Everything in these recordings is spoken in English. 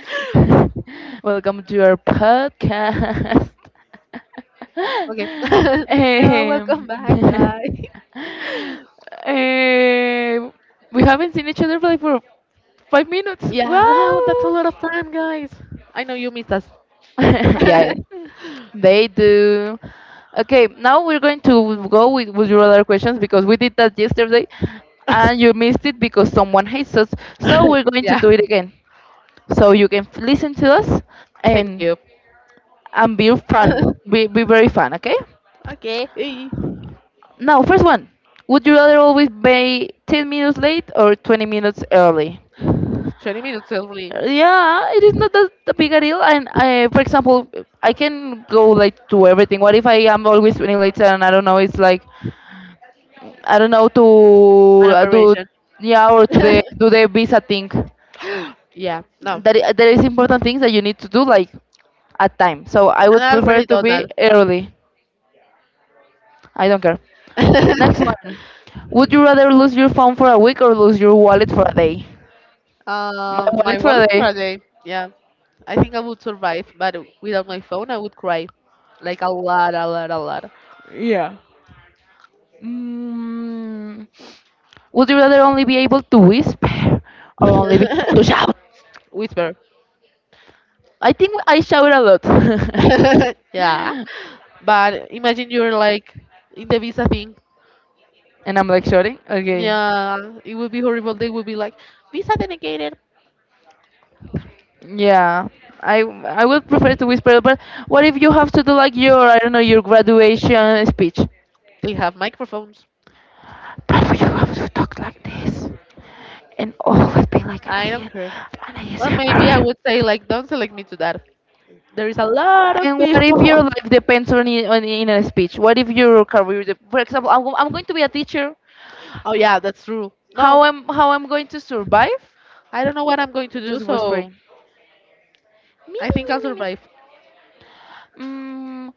Welcome to our podcast. Okay. Hello, um, welcome back, guys. um, we haven't seen each other for 5 minutes. Yeah, wow, that's a Wow. lot of time, guys. I know you missed us. Yeah, they do. Okay, now we're going to go with your other questions because we did that yesterday and you missed it because someone hates us. So we're going to Yeah, do it again. So you can listen to us thank and you. and be fun. Be very fun, okay? Okay. Now, first one. Would you rather always be 10 minutes late or 20 minutes early? 20 minutes only. Yeah, it is not that big a deal. And I, for example, I can go late to everything. What if I am always 20 late, and I don't know, it's like, I don't know, An operation. yeah, or do the visa thing. Yeah, no. There is important things that you need to do, like at time. So I And would I prefer already to done be that. early. I don't care. Next one. Would you rather lose your phone for a week or lose your wallet for a day? My My wallet for wallet a for day. a day. Yeah, I think I would survive, but without my phone, I would cry. Like a lot, a lot, a lot. Yeah. Mm, would you rather only be able to whisper or only be able to shout? Whisper. I think I shout a lot. Yeah. But imagine you're like in the visa thing. And I'm like shouting. Okay. Yeah, it would be horrible. They would be like, visa denigrated. Yeah. I would prefer to whisper, but what if you have to do like your, I don't know, your graduation speech? They have microphones. But you have to talk like this, and all will be like I don't care. an Or maybe I ASMR. would say like, don't select me to that. There is a lot of And what if your people. life depends on, in a speech? What if your career, for example, I'm going to be a teacher. Oh yeah, that's true. No, How I'm going to survive? I don't know what I'm going to do, Just so whispering. Me I me think me I'll me me. survive. Mm,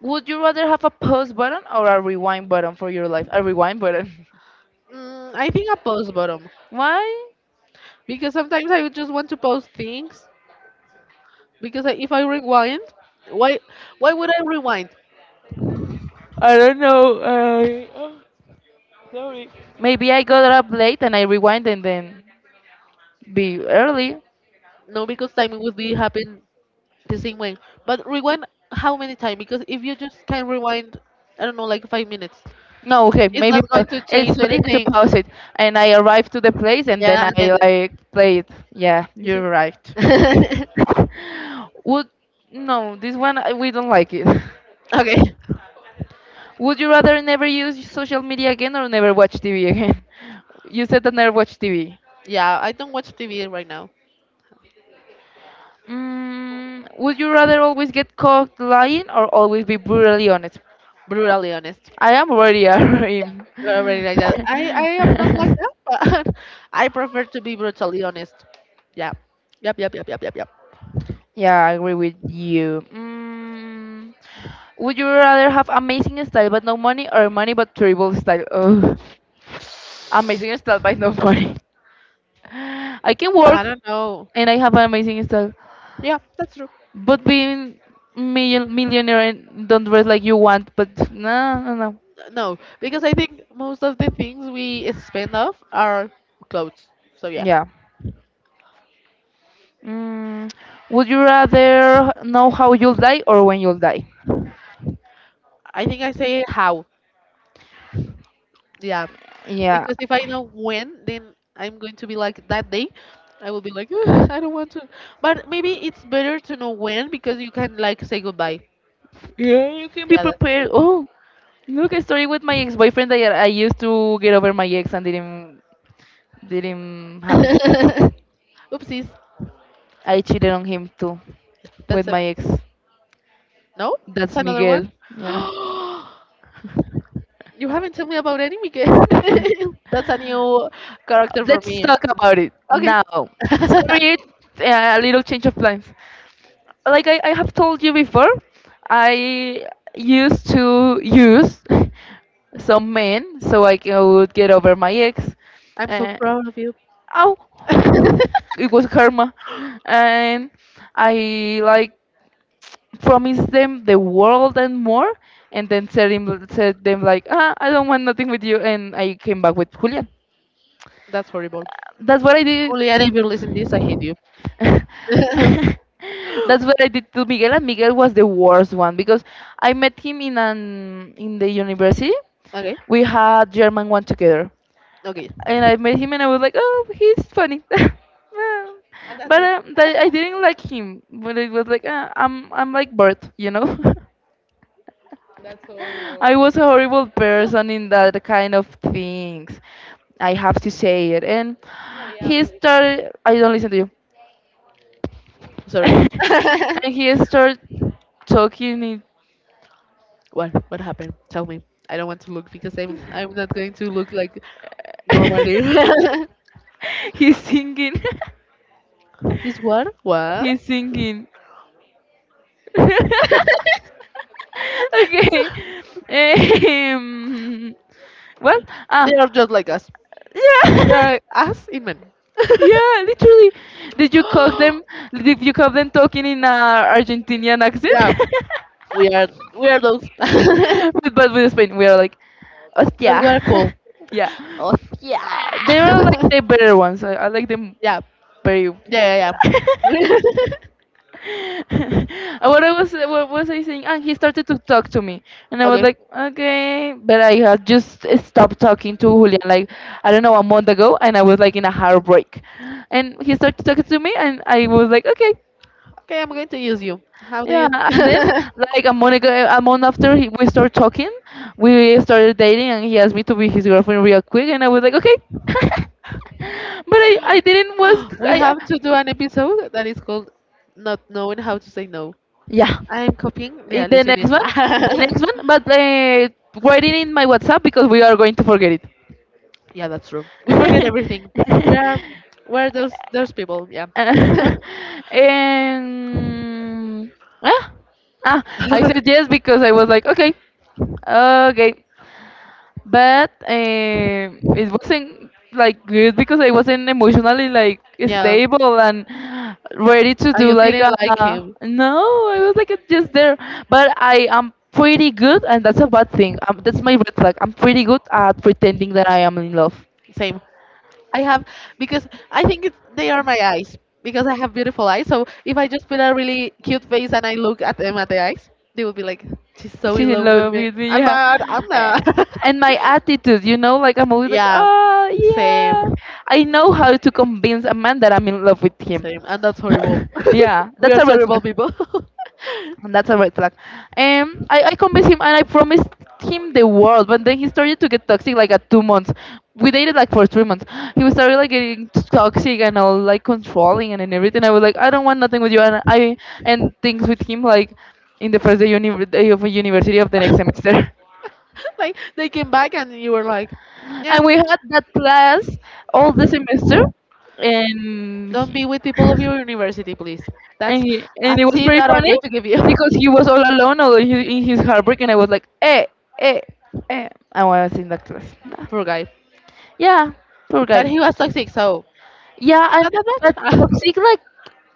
would you rather have a pause button or a rewind button for your life? A rewind button. I think I post bottom, Why? because sometimes I would just want to post things because if I rewind, why why would I rewind? I don't know. Oh, sorry. Maybe I got up late and I rewind and then be early. No, because time would be happen the same way. But rewind how many times? Because if you just can rewind, I don't know, like 5 minutes, No, okay, it's not maybe going to it's change better to anything. pause it. And I arrive to the place and then Yeah, and then I like play it. Yeah, you see. you're right. Would No, this one, we don't like it. Okay. Would you rather never use social media again or never watch TV again? You said that never watch TV. Yeah, I don't watch TV right now. Would you rather always get caught lying or always be brutally honest? Brutally honest. I am already a Yeah, him. you're already like that. I am not like that, but I prefer to be brutally honest. Yeah. Yep. Yep. Yep. Yep. Yep. Yep. Yeah, I agree with you. Would you rather have amazing style but no money or money but terrible style? Ugh. Amazing style but no money. I can I work don't know. and I have an amazing style, Yeah, that's true. but being millionaire and don't dress like you want, but no, no, no. No, because I think most of the things we spend off are clothes. So yeah. Yeah. Mm, would you rather know how you'll die or when you'll die? I think I say how. Yeah. Yeah. Because if I know when, then I'm going to be like that day. I will be like, "Ugh, I don't want to. But maybe it's better to know when because you can like say goodbye. Yeah, you can be Yeah, that's prepared. true. Oh, look, a story with my ex-boyfriend that I used to get over my ex and didn't happen. Oopsies. I cheated on him too with That's a my ex. no. It's That's another one. Miguel. Yeah. You haven't told me about any, Miguel. That's a new character for Let's me. talk about it Okay. now. Sorry, a little change of plans. Like I have told you before, I used to use some men so I would get over my ex. I'm so Uh, proud of you. ow! It was karma. And I like promise them the world and more, and then said them like, I don't want nothing with you, and I came back with Julian. That's horrible. That's what I did. Juliana, if you listen this, I hate you. That's what I did to Miguel, and Miguel was the worst one because I met him in the university. Okay, We had German one together, okay, and I met him, and I was like, oh, he's funny. Well, but that I didn't like him, but it was like I'm like Bert. I was a horrible person in that kind of things. I have to say it. And he started. I don't listen to you. sorry. And he started talking. What? What happened? Tell me. I don't want to look because I'm not going to look like normally. He's singing. He's what? What? He's singing. Okay. Um, what? Ah, They are just like us. They yeah. are us in men. Yeah, literally. Did you cook them? Did you cook them talking in a Argentinian accent? Yeah, we are we are those, but But with Spain, we are like, hostia. we're cool. Yeah. Oh Uh, yeah, they are like the better ones. I like them yeah, very. yeah, yeah. Yeah. What was I saying? And he started to talk to me, and I was Okay, like, okay, but I had just stopped talking to Julian like, I don't know, a month ago, and I was like in a heartbreak, and he started talking to me, and I was like, okay, okay, I'm going to use you. How do yeah. you? And then like a month ago, a month after we started talking, we started dating, and he asked me to be his girlfriend real quick, and I was like, okay, but I didn't was We I, have to do an episode that is called "Not Knowing How to Say No." yeah. I am copying the Eh, The next hallucinies. one, the next one, but write it in my WhatsApp because we are going to forget it. Yeah, that's true. We forget everything. We are, we're those people. Yeah, Uh, and ah, ah, I said yes because I was like, okay, okay. But it wasn't like good because I wasn't emotionally like yeah. stable and ready to And do you like didn't a. like him. No, I was like just there, but I am pretty good, and that's a bad thing. That's my red flag. I'm pretty good at pretending that I am in love. Same. I have, because I think it's, they are my eyes, because I have beautiful eyes. So if I just put a really cute face and I look at them at the eyes, they will be like, "She's so in She's in love with love me." with me, I'm yeah. not. I'm Uh, not. And my attitude, like I'm always like, Yeah, oh yeah, same, I know how to convince a man that I'm in love with him. same, and that's horrible. Yeah, We are that's a red terrible flag. people. And that's a red flag. I convinced him and I promised him the world, but then he started to get toxic like at 2 months. We dated like for 3 months. He was started like getting toxic and all like controlling and everything. I was like, I don't want nothing with you, and I and things with him like in the first day, day of university of the next semester. Like they came back and you were like, "Yeah, And we had that class all the semester, and don't be with people of your university, please." and That's he, a and it was tip very that I'm funny going to give you. because he was all alone, although he, in his heartbreak, and I was like, eh, eh. I was in that class. Nah. Poor guy, Yeah, poor but guy. he was toxic, so Yeah, and not that but much. toxic like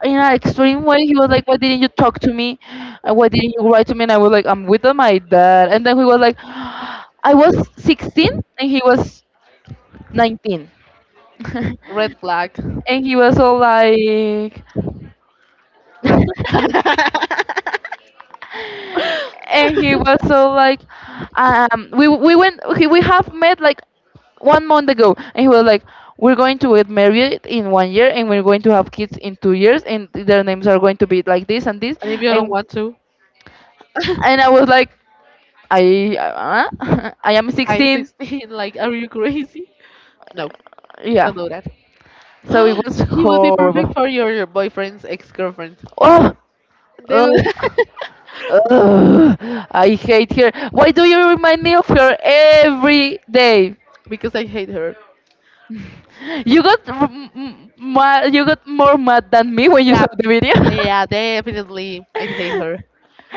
in an extreme way. He was like, "Why didn't you talk to me? Why didn't you write to me?" And I was like, "I'm with my dad." And then he was like, "I was 16 and he was 19," Red flag. and he was all like. Red flag. And And he was so like we went, okay, we have met like 1 month ago, and he was like, we're going to get married in 1 year and we're going to have kids in 2 years and their names are going to be like this and this, if you don't and want to, and I was like, I I am I'm 16. 16. Like, are you crazy? No, Yeah, don't do that. so it was He would be perfect horrible. for your boyfriend's ex girlfriend. Oh, They oh. would. Ugh, I hate her. Why do you remind me of her every day? Because I hate her. You got you got more mad than me when you Yeah, saw the video. yeah, definitely. I hate her.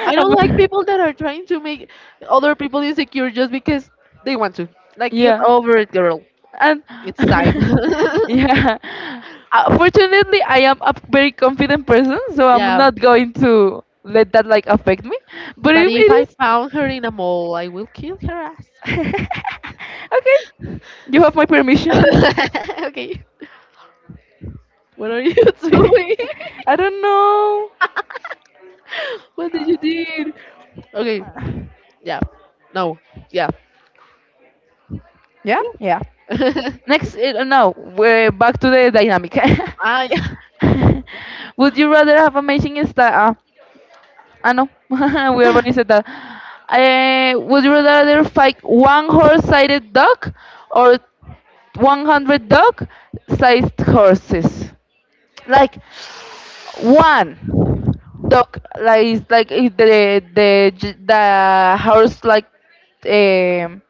I don't like Um, people that are trying to make other people insecure just because they want to. Like, get yeah, over it, girl. and It's time. yeah. Fortunately, I am a very confident person, so I'm Yeah. not going to let that like affect me. But But if if it I is, found her in a mall, I will kill her ass. okay, you have my permission. Okay. What are you doing? I don't know. What did you do? Okay. Yeah. No. Yeah. Yeah, yeah. Yeah. Next, no, we're back to the dynamic. Yeah. Would you rather have amazing style? No, we already said that. Would you rather fight one horse-sided dog or 100 dog-sized horses? Like one dog, like it's like if the horse like um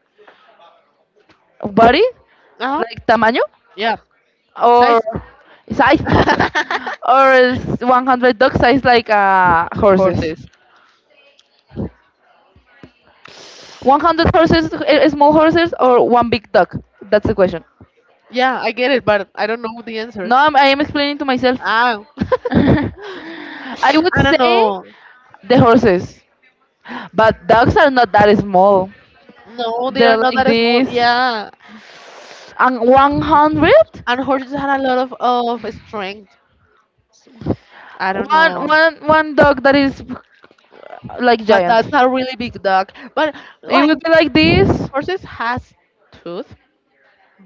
body, Uh-huh. like tamaño. Yeah. Size. Or size. Or is 100 ducks size like horses, Horses. 100 horses, small horses, or one big duck? That's the question. Yeah, I get it, but I don't know the answer. No, I am explaining to myself. Ah, I would I don't say know. the horses, but dogs are not that small. No, they are They're not like that small. this. Yeah, And 100, and horses had a lot of strength. So, I don't one know, one one dog that is like but giant. that's a really big dog. But It like would be like this. horses has tooth,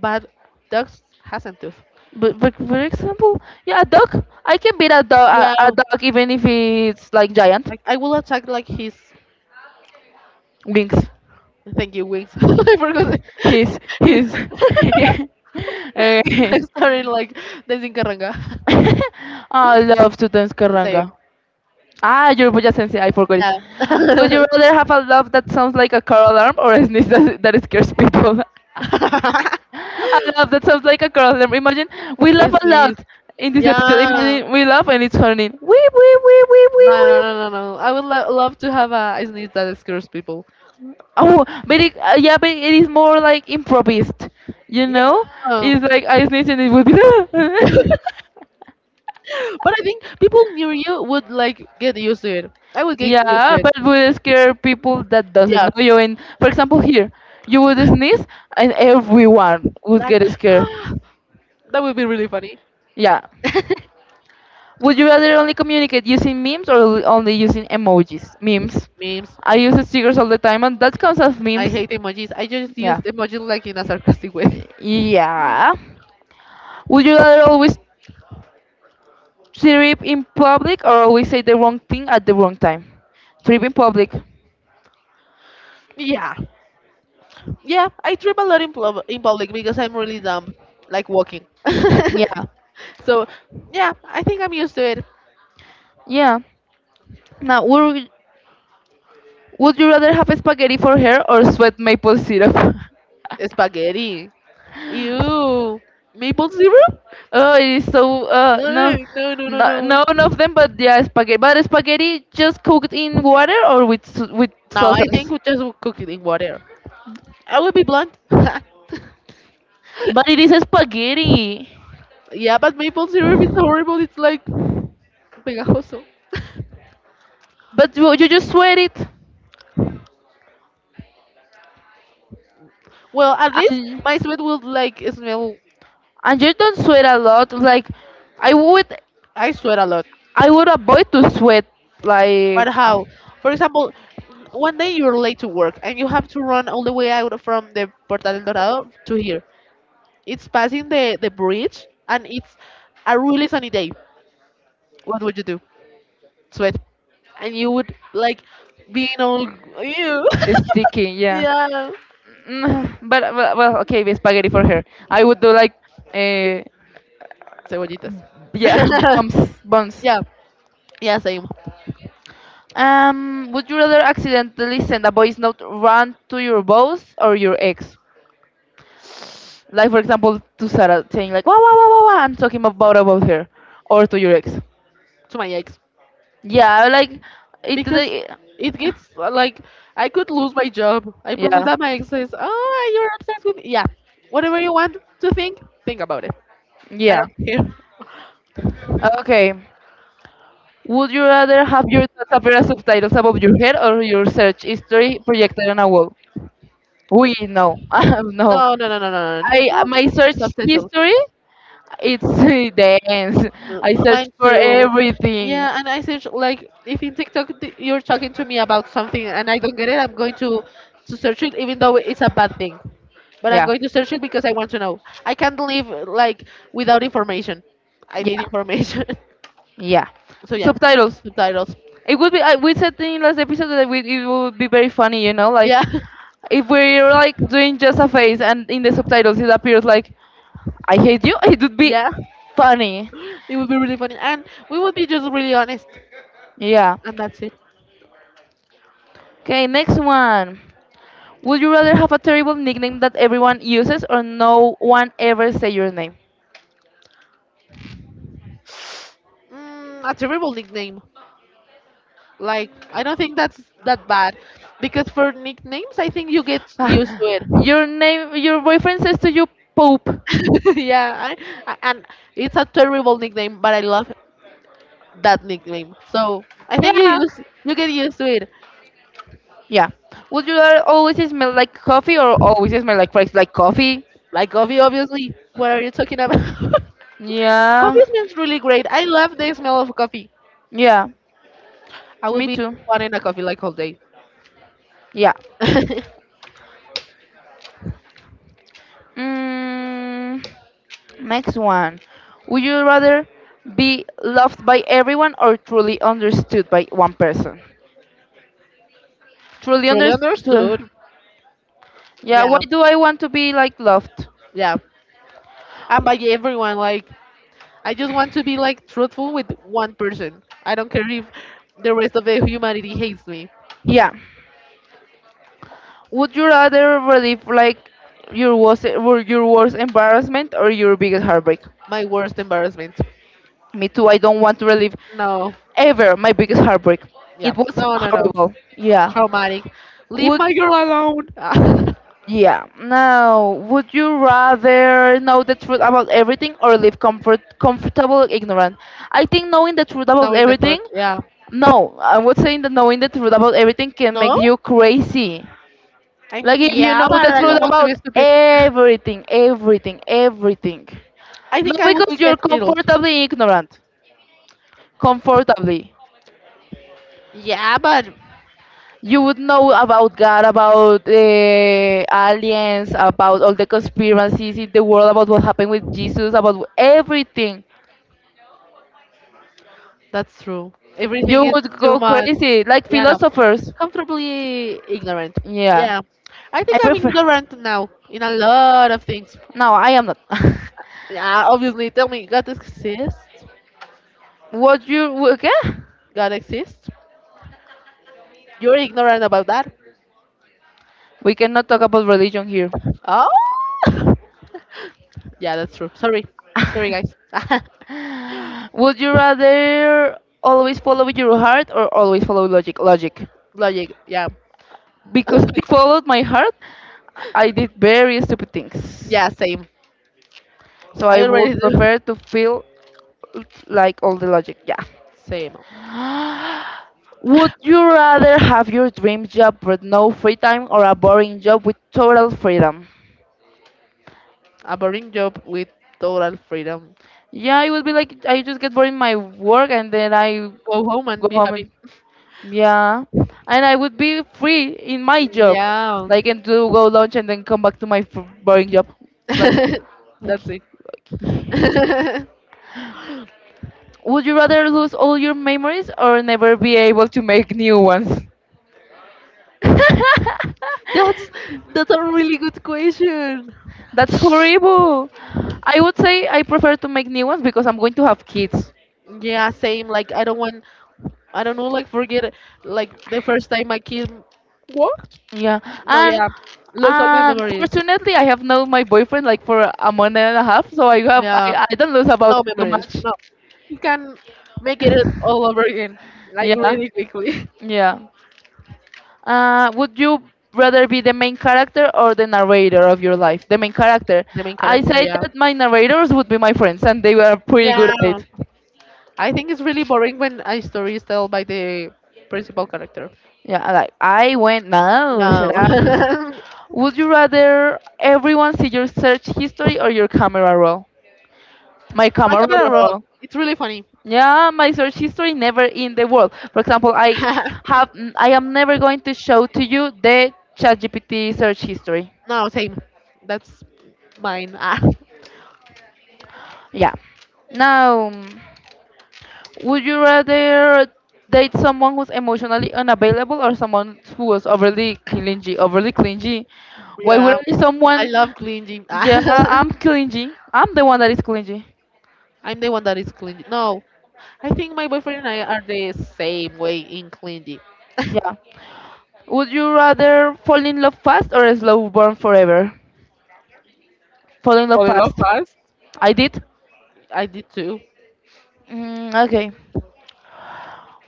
but dogs hasn't tooth. But for example, yeah, a dog. I can beat a dog, a Yeah, dog, even if it's like giant like I will attack like his. wings. Thank you, wings. I forgot it. He's His. he's yeah. I Okay. started like dancing caranga. I love to dance Same. karanga. Yoruba sensei, I forgot it. Yeah. Would you rather have a love that sounds like a car alarm or a sneeze that scares people? A love that sounds like a car alarm. Imagine we laugh It's a sneeze. lot in this episode. Yeah. Imagine we laugh and it's horny. Wee wee wee wee No, wee no, wee. no, no, no. I would love to have a sneeze that scares people. Oh, but yeah, but it is more like improvised, you Yeah. know? It's like I sneeze and it would be. But I think people near you would like get used to it. I would get used to Yeah, but it. would scare people that doesn't Yeah. know you. And for example, here you would sneeze and everyone would Like get scared. that would be really funny. Yeah. Would you rather only communicate using memes or only using emojis? Memes. Memes. I use stickers all the time, and that comes as I memes. hate emojis. I just Yeah. used emojis like in a sarcastic way. Yeah. Would you rather always trip in public or always say the wrong thing at the wrong time? Trip in public. Yeah. Yeah, I trip a lot in public because I'm really dumb, like walking. Yeah. So, yeah, I think I'm used to it. Yeah. Now, would you rather have spaghetti for hair or sweat maple syrup? Spaghetti. Ew. Maple syrup? Oh, it is so. No. Ugh, no, no, no, No, no. no, none of them, but yeah, spaghetti. But spaghetti just cooked in water or with with No, I think sauces. we just will cook it in water. I will be blunt. But it is spaghetti. Yeah, but maple syrup is horrible. It's like pegajoso. But you just sweat it, Well, at least and my sweat will like smell. and you don't sweat a lot. Like I would. I sweat a lot. I would avoid to sweat like But how? For example, one day you're late to work and you have to run all the way out from the Portal del Dorado to here. It's passing the bridge and it's a really sunny day. What would you do? Sweat. And you would like being all you. sticking, yeah. Yeah. Mm, but well, okay, with spaghetti for her. I would do like, uh, Cebollitas. yeah, bumps, bumps. Yeah. Yeah, same. Would you rather accidentally send a voice note run to your boss or your ex? Like for example, to Sarah saying like, wow, wow, wow, wow, wow, I'm talking about her, or to your ex. To my ex. Yeah, like it. Because They- it gets like, I could lose my job. I prefer Yeah, that my ex says, "Oh, you're obsessed with me." Yeah, whatever you want to think about it. I yeah. don't care." Okay. Would you rather have your Tata Opera subtitles above your head or your search history projected on a wall? We no, no. No, no, no, no, no, no. I No. my search Subtitles. history it's dense. I search Mine for too. everything. Yeah, and I search like if in TikTok you're talking to me about something and I don't get it, I'm going to search it, even though it's a bad thing. But I'm Yeah, going to search it because I want to know. I can't live like without information. I need yeah, information. yeah. So yeah, Subtitles. subtitles. It would be. I, we said in last episode that we, it would be very funny. You know, like Yeah, if we're like doing just a face and in the subtitles it appears like I hate you. It would be yeah. funny. It would be really funny, and we would be just really honest, Yeah. and that's it. Okay, next one. Would you rather have a terrible nickname that everyone uses or no one ever say your name? A terrible nickname. Like, I don't think that's that bad, because for nicknames, I think you get used Ah, to it. your name, your boyfriend says to you, "Poop." Yeah, and it's a terrible nickname, but I love that nickname. So I think Yeah, you get used to it. yeah. Would you rather always smell like coffee or always smell like fries, like coffee? Like coffee, obviously. What are you talking about? Yeah, Coffee smells really great. I love the smell of coffee. yeah. I would Me be too. wanting a coffee like all day. Yeah. Mm, next one. Would you rather be loved by everyone or truly understood by one person? Truly Truly understood. understood. Yeah. Why Yeah, do I want to be like loved? yeah. And by everyone, like I just want to be like truthful with one person. I don't care if the rest of the humanity hates me. Yeah. Would you rather relive like your worst embarrassment or your biggest heartbreak? My worst embarrassment. Me too. I don't want to relive No. ever my biggest heartbreak. Yeah. It was No, no, no. horrible. Yeah. Traumatic. Leave Would my girl alone. yeah. Now, would you rather know the truth about everything or live comfortable ignorant? I think knowing the truth about No, in the truth. everything. Yeah. No, I would say that knowing the truth about everything can make No? you crazy. I mean, Like if you yeah, know but the I don't truth want to be about stupid. everything, everything, everything. I Not think I would because you're get killed. comfortably ignorant, comfortably. Yeah, but You would know about God, about aliens, about all the conspiracies in the world, about what happened with Jesus, about everything. that's true. Everything You is would too go much. crazy, like Yeah, no. philosophers. Comfortably ignorant. Yeah, Yeah. I I think I'm prefer. ignorant now in a lot of things. No, I am not. Yeah, obviously. Tell me, God exists? What you okay? God exists? You're ignorant about that? We cannot talk about religion here. Oh! Yeah, that's true. Sorry. Sorry, guys. Would you rather always follow your heart or always follow logic? Logic. Logic. Yeah. Because I followed my heart, I did very stupid things. Yeah, same. So I I already would do. prefer to feel like all the logic. Yeah. Same. Would you rather have your dream job with no free time or a boring job with total freedom? A boring job with total freedom. Yeah, it would be like I just get bored in my work and then I Go home and go be home happy. and yeah, and I would be free in my job, Yeah, like and to go lunch and then come back to my boring job. Like, like, that's it. like. Would you rather lose all your memories or never be able to make new ones? That's that's a really good question. That's horrible. I would say I prefer to make new ones because I'm going to have kids. Yeah, same. Like, I don't want, I don't know. Like, forget, like the first time my kid walked. Yeah, No, and yeah, lose all my and memories. fortunately I have known my boyfriend like for a month and a half, so I have Yeah, I don't lose about no too memories. much. No, you can make it all over again, like Yeah, really quickly. yeah. Would you rather be the main character or the narrator of your life? The main character. The main I character, said yeah, that my narrators would be my friends, and they were pretty good at yeah. it. I think it's really boring when a story is told by the principal character. Yeah, I like I went no, No. shut up. Would you rather everyone see your search history or your camera roll? My My camera camera roll. roll. It's really funny. Yeah, my search history never in the world. For example, I have I am never going to show to you the ChatGPT search history. No, same. That's mine. Yeah. Now, mm, would you rather date someone who's emotionally unavailable or someone who is overly clingy? Overly clingy. Why would Yeah. I be I someone? love clingy. Ah. Yeah, I'm clingy. I'm the one that is clingy. I'm the one that is clingy. No, I think my boyfriend and I are the same way in clingy. Yeah. Would you rather fall in love fast or slow burn forever? Fall in love Fall in love fast. fast. I did. I did too. Mm, okay.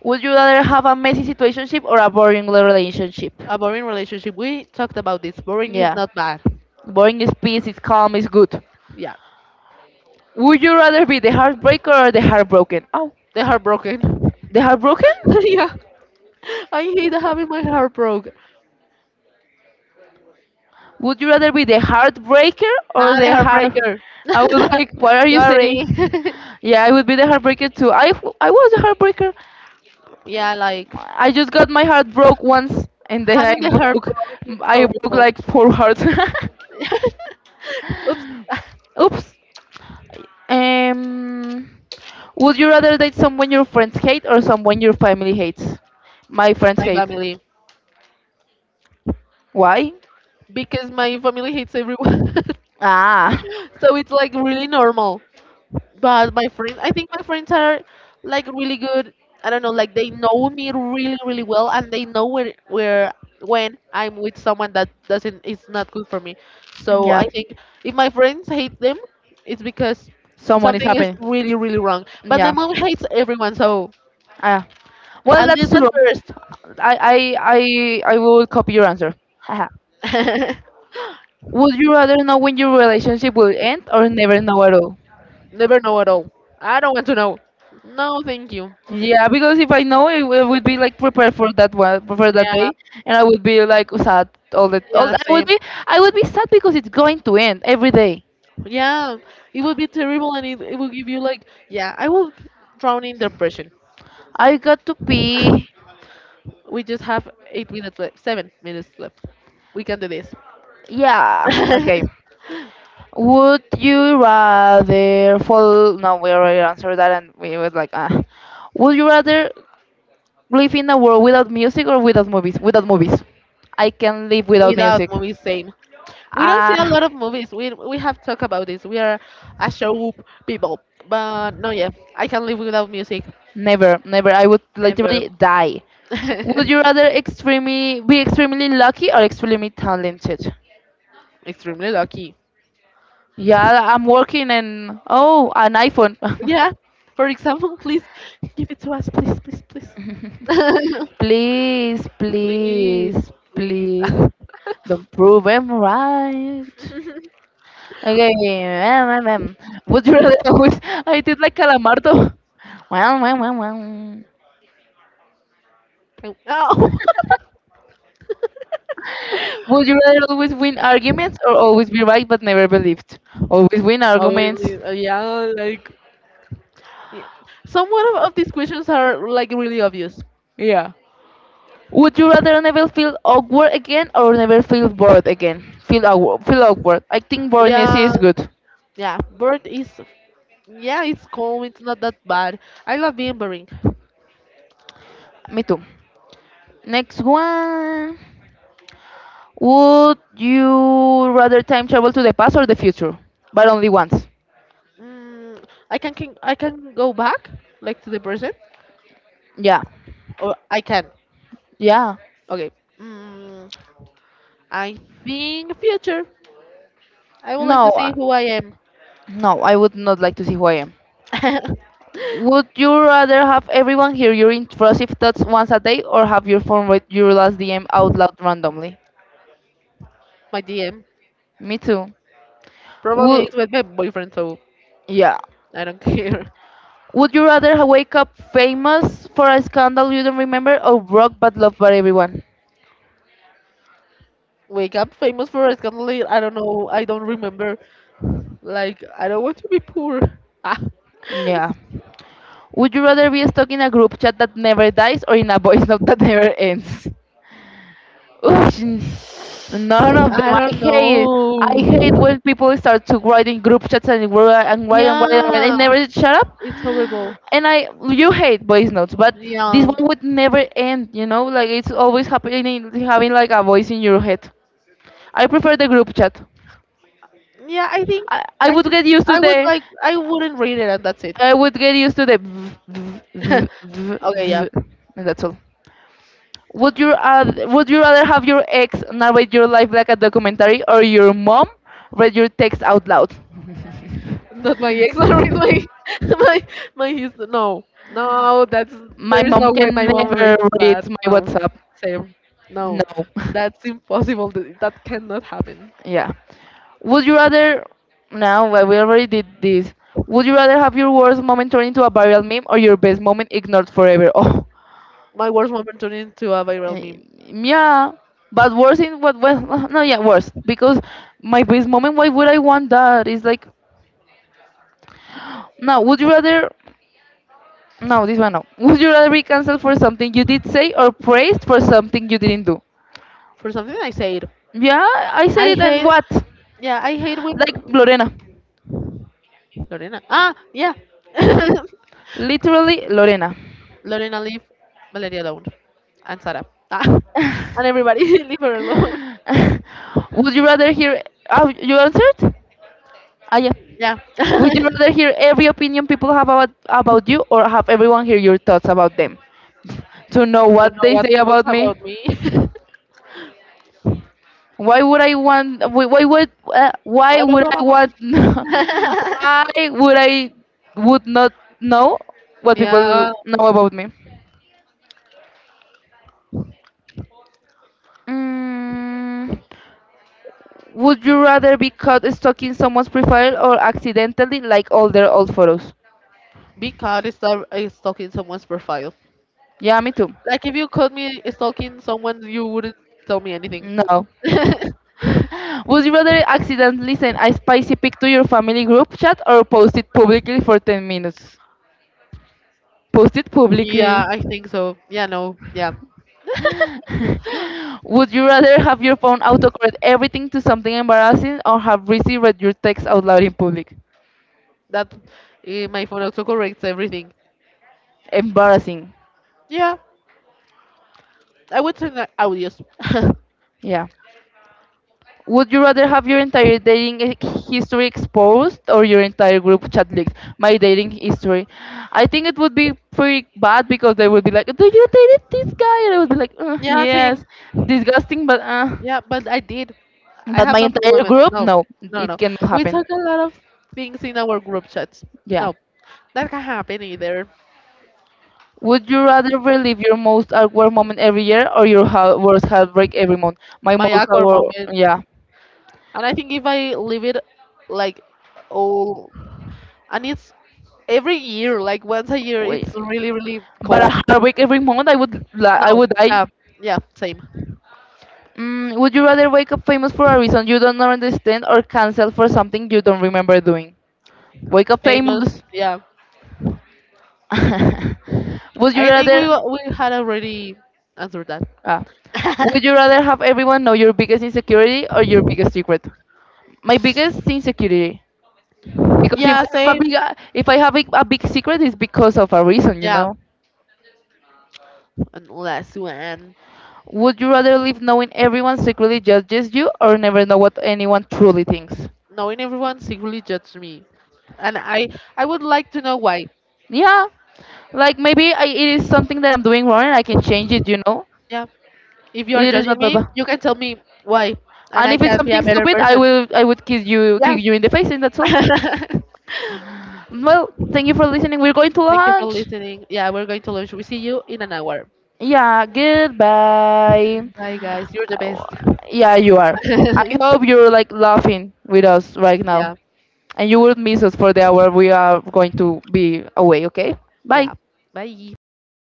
Would you rather have a messy situationship or a boring relationship? A boring relationship. We talked about this. Boring is Yeah. not bad. Boring is peace, it's calm, it's good. Yeah. Would you rather be the heartbreaker or the heartbroken? Oh, They're heartbroken. the heartbroken? Yeah. I hate having my heart broke. Would you rather be the heartbreaker or The the heart? heartbreaker. I was like, what are you Sorry. saying? Yeah, I would be the heartbreaker too. I was a heartbreaker. Yeah, like I just got my heart broke once, and then having the heart broke it's I broke horrible. like four hearts. Oops, Oops. Um, would you rather date someone your friends hate or someone your family hates? My friends my hate. family. Why? Because my family hates everyone. Ah, So it's like really normal. But my friends, I think my friends are like really good. I don't know, like they know me really, really well, and they know where when I'm with someone that doesn't is not good for me. So yeah. I think if my friends hate them, it's because Someone is something is happy. really, really wrong. But my Yeah. mom hates everyone, so Uh, well, at that's least at true. first, I, I, I will copy your answer. Haha. Would you rather know when your relationship will end or never know at all? never know at all. I don't want to know. No, thank you. Yeah, because if I know, it, would be like prepared for that one, for that Yeah, day, and I would be like sad all the. All, yeah, same. I would be sad because it's going to end every day. Yeah, it would be terrible and it will give you like, yeah, I will drown in depression. I got to be, We just have 8 minutes left, 7 minutes left. We can do this. yeah, okay. Would you rather fall? No, we already answered that, and we were like, ah. Would you rather live in a world without music or without movies? Without movies. I can live without Without music. movies, same. We don't see a Ah, lot of movies. We have talked about this. We are a show people. But no, yeah, I can live without music. never, never. I would Never. literally die. Would you rather extremely lucky or extremely talented? Extremely lucky. Yeah, I'm working and oh, an iPhone. Yeah. For example, please give it to us, please, please, please. Please, Please, please, please. please, don't prove I'm right. Okay, would you rather? Always? I did like Calamardo. Well, well. Oh, Would I you rather always win arguments or always be right but never believed? Always win arguments. was yeah, like, yeah. Somewhat of these questions are like really obvious. Yeah. Would you rather never feel awkward again or never feel bored again? Feel awkward. Feel awkward. I think boredness Yeah, is good. yeah. Bird is Yeah, it's calm. It's not that bad. I love being boring. Me too. Next one. Would you rather time travel to the past or the future? But only once. Mm, I can go back like to the present, Yeah. or I can. Yeah. Okay. Mm, I think future. I would like No. to see who I am. No, I would not like to see who I am. Would you rather have everyone hear your intrusive thoughts once a day or have your phone read your last DM out loud randomly? My DM. Me too. Probably Would it's with my boyfriend, so yeah. I don't care. Would you rather wake up famous for a scandal you don't remember or broke but loved by everyone? We got famous for a scandal. I don't know. I don't remember. Like, I don't want to be poor. Ah. Yeah. Would you rather be stuck in a group chat that never dies or in a voice note that never ends? Ugh, none of them. I I don't hate. I hate know. when people start to write in group chats and write and write and write and write and Yeah, never shut up. it's horrible. And I, you hate voice notes, but this Yeah, one would never end. You know, like it's always happening, having like a voice in your head. I prefer the group chat. yeah. I think I I, would t- get used to I would the. like. I wouldn't read it, and that's it. I would get used to the. Okay, yeah. And that's all. Would you rather have your ex narrate your life like a documentary or your mom read your text out loud? Not my ex, not my my his no. No, that's My there is mom no way can my mom never reads read that. my No. WhatsApp. Same. No. No. That's impossible. That cannot happen. Yeah. Would you rather? No, well, we already did this. Would you rather have your worst moment turn into a viral meme or your best moment ignored forever? Oh, My worst moment turned into a viral eh, meme. yeah. But worse in what? Well, no, yeah, worse because my best moment. Why would I want that? It's like, no. Would you rather No, this one no. Would you rather be cancelled for something you did say or praised for something you didn't do? For something I said. Yeah, I said I it and hate what? yeah, I hate when Like Lorena. Lorena. Yeah. Literally Lorena. Lorena, leave Valeria alone. And Sarah. Ah, and everybody leave her alone. Would you rather hear oh, you answered? Ah yeah. Yeah. Would you To rather hear every opinion people have about you or have everyone hear your thoughts about them? To know know what they what say people about say me? about me. Why would I want? Wh- Why would? Why Blah, blah, would blah, I blah, blah. want? why would I would not know what people Yeah, know about me? Mm, would you rather be caught stalking someone's profile or accidentally like all their old photos? because it's not, it's stalking someone's profile. Yeah, me too. Like if you caught me stalking someone, you wouldn't tell me anything. No. Would you rather accidentally send a spicy pic to your family group chat or post it publicly for 10 minutes? Post it publicly. Yeah, I think so. Yeah, no, yeah. Would you rather have your phone autocorrect everything to something embarrassing or have Rizzy read your text out loud in public? That my phone also corrects everything. Embarrassing. Yeah, I would turn that audios. Yeah. Would you rather have your entire dating history exposed or your entire group chat leaked? My dating history. I think it would be pretty bad because they would be like, "Do you dated this guy?" And I would be like, Yeah, yes." same. Disgusting, Yeah, but I did. I but have my no problem entire with group, no, no, no, no, it no. cannot We happen. talk a lot of things in our group chats. Yeah. No, that can happen either. Would you rather relive your most awkward moment every year or your worst heartbreak every month? My My most awkward awkward, moment, yeah. and I think if I leave it like all, and it's every year, like once a year, Wait. it's really, really But a calm. heartbreak every month, I would, I No, would die. yeah, yeah, same. Mm, would you rather wake up famous for a reason you don't understand or cancel for something you don't remember doing? Wake up Famous, famous. yeah. Would you I think rather? We had already answered that. Ah, would you rather have everyone know your biggest insecurity or your biggest secret? My biggest insecurity. Because if Yeah, I have a same. big, if I have a big secret, it's because of a reason, you Yeah, know. and last one. Would you rather live knowing everyone secretly judges you, or never know what anyone truly thinks? Knowing everyone secretly judged me, and I would like to know why. Yeah, like maybe I, it is something that I'm doing wrong, and I can change it, you know. Yeah, if you are It is judging not that me, bad. you can tell me why, and And I if it's can be a something better stupid, person. I would kiss you, Yeah. kick you in the face, and that's all. Well, thank you for listening. We're going to Thank you for lunch. listening. Yeah, we're going to lunch. We see you in an hour. Yeah, goodbye. Bye, guys, you're the Uh, best. Yeah, you are. I hope you're like laughing with us right now. Yeah, And you will miss us for the hour we are going to be away, okay? Bye. yeah. Bye.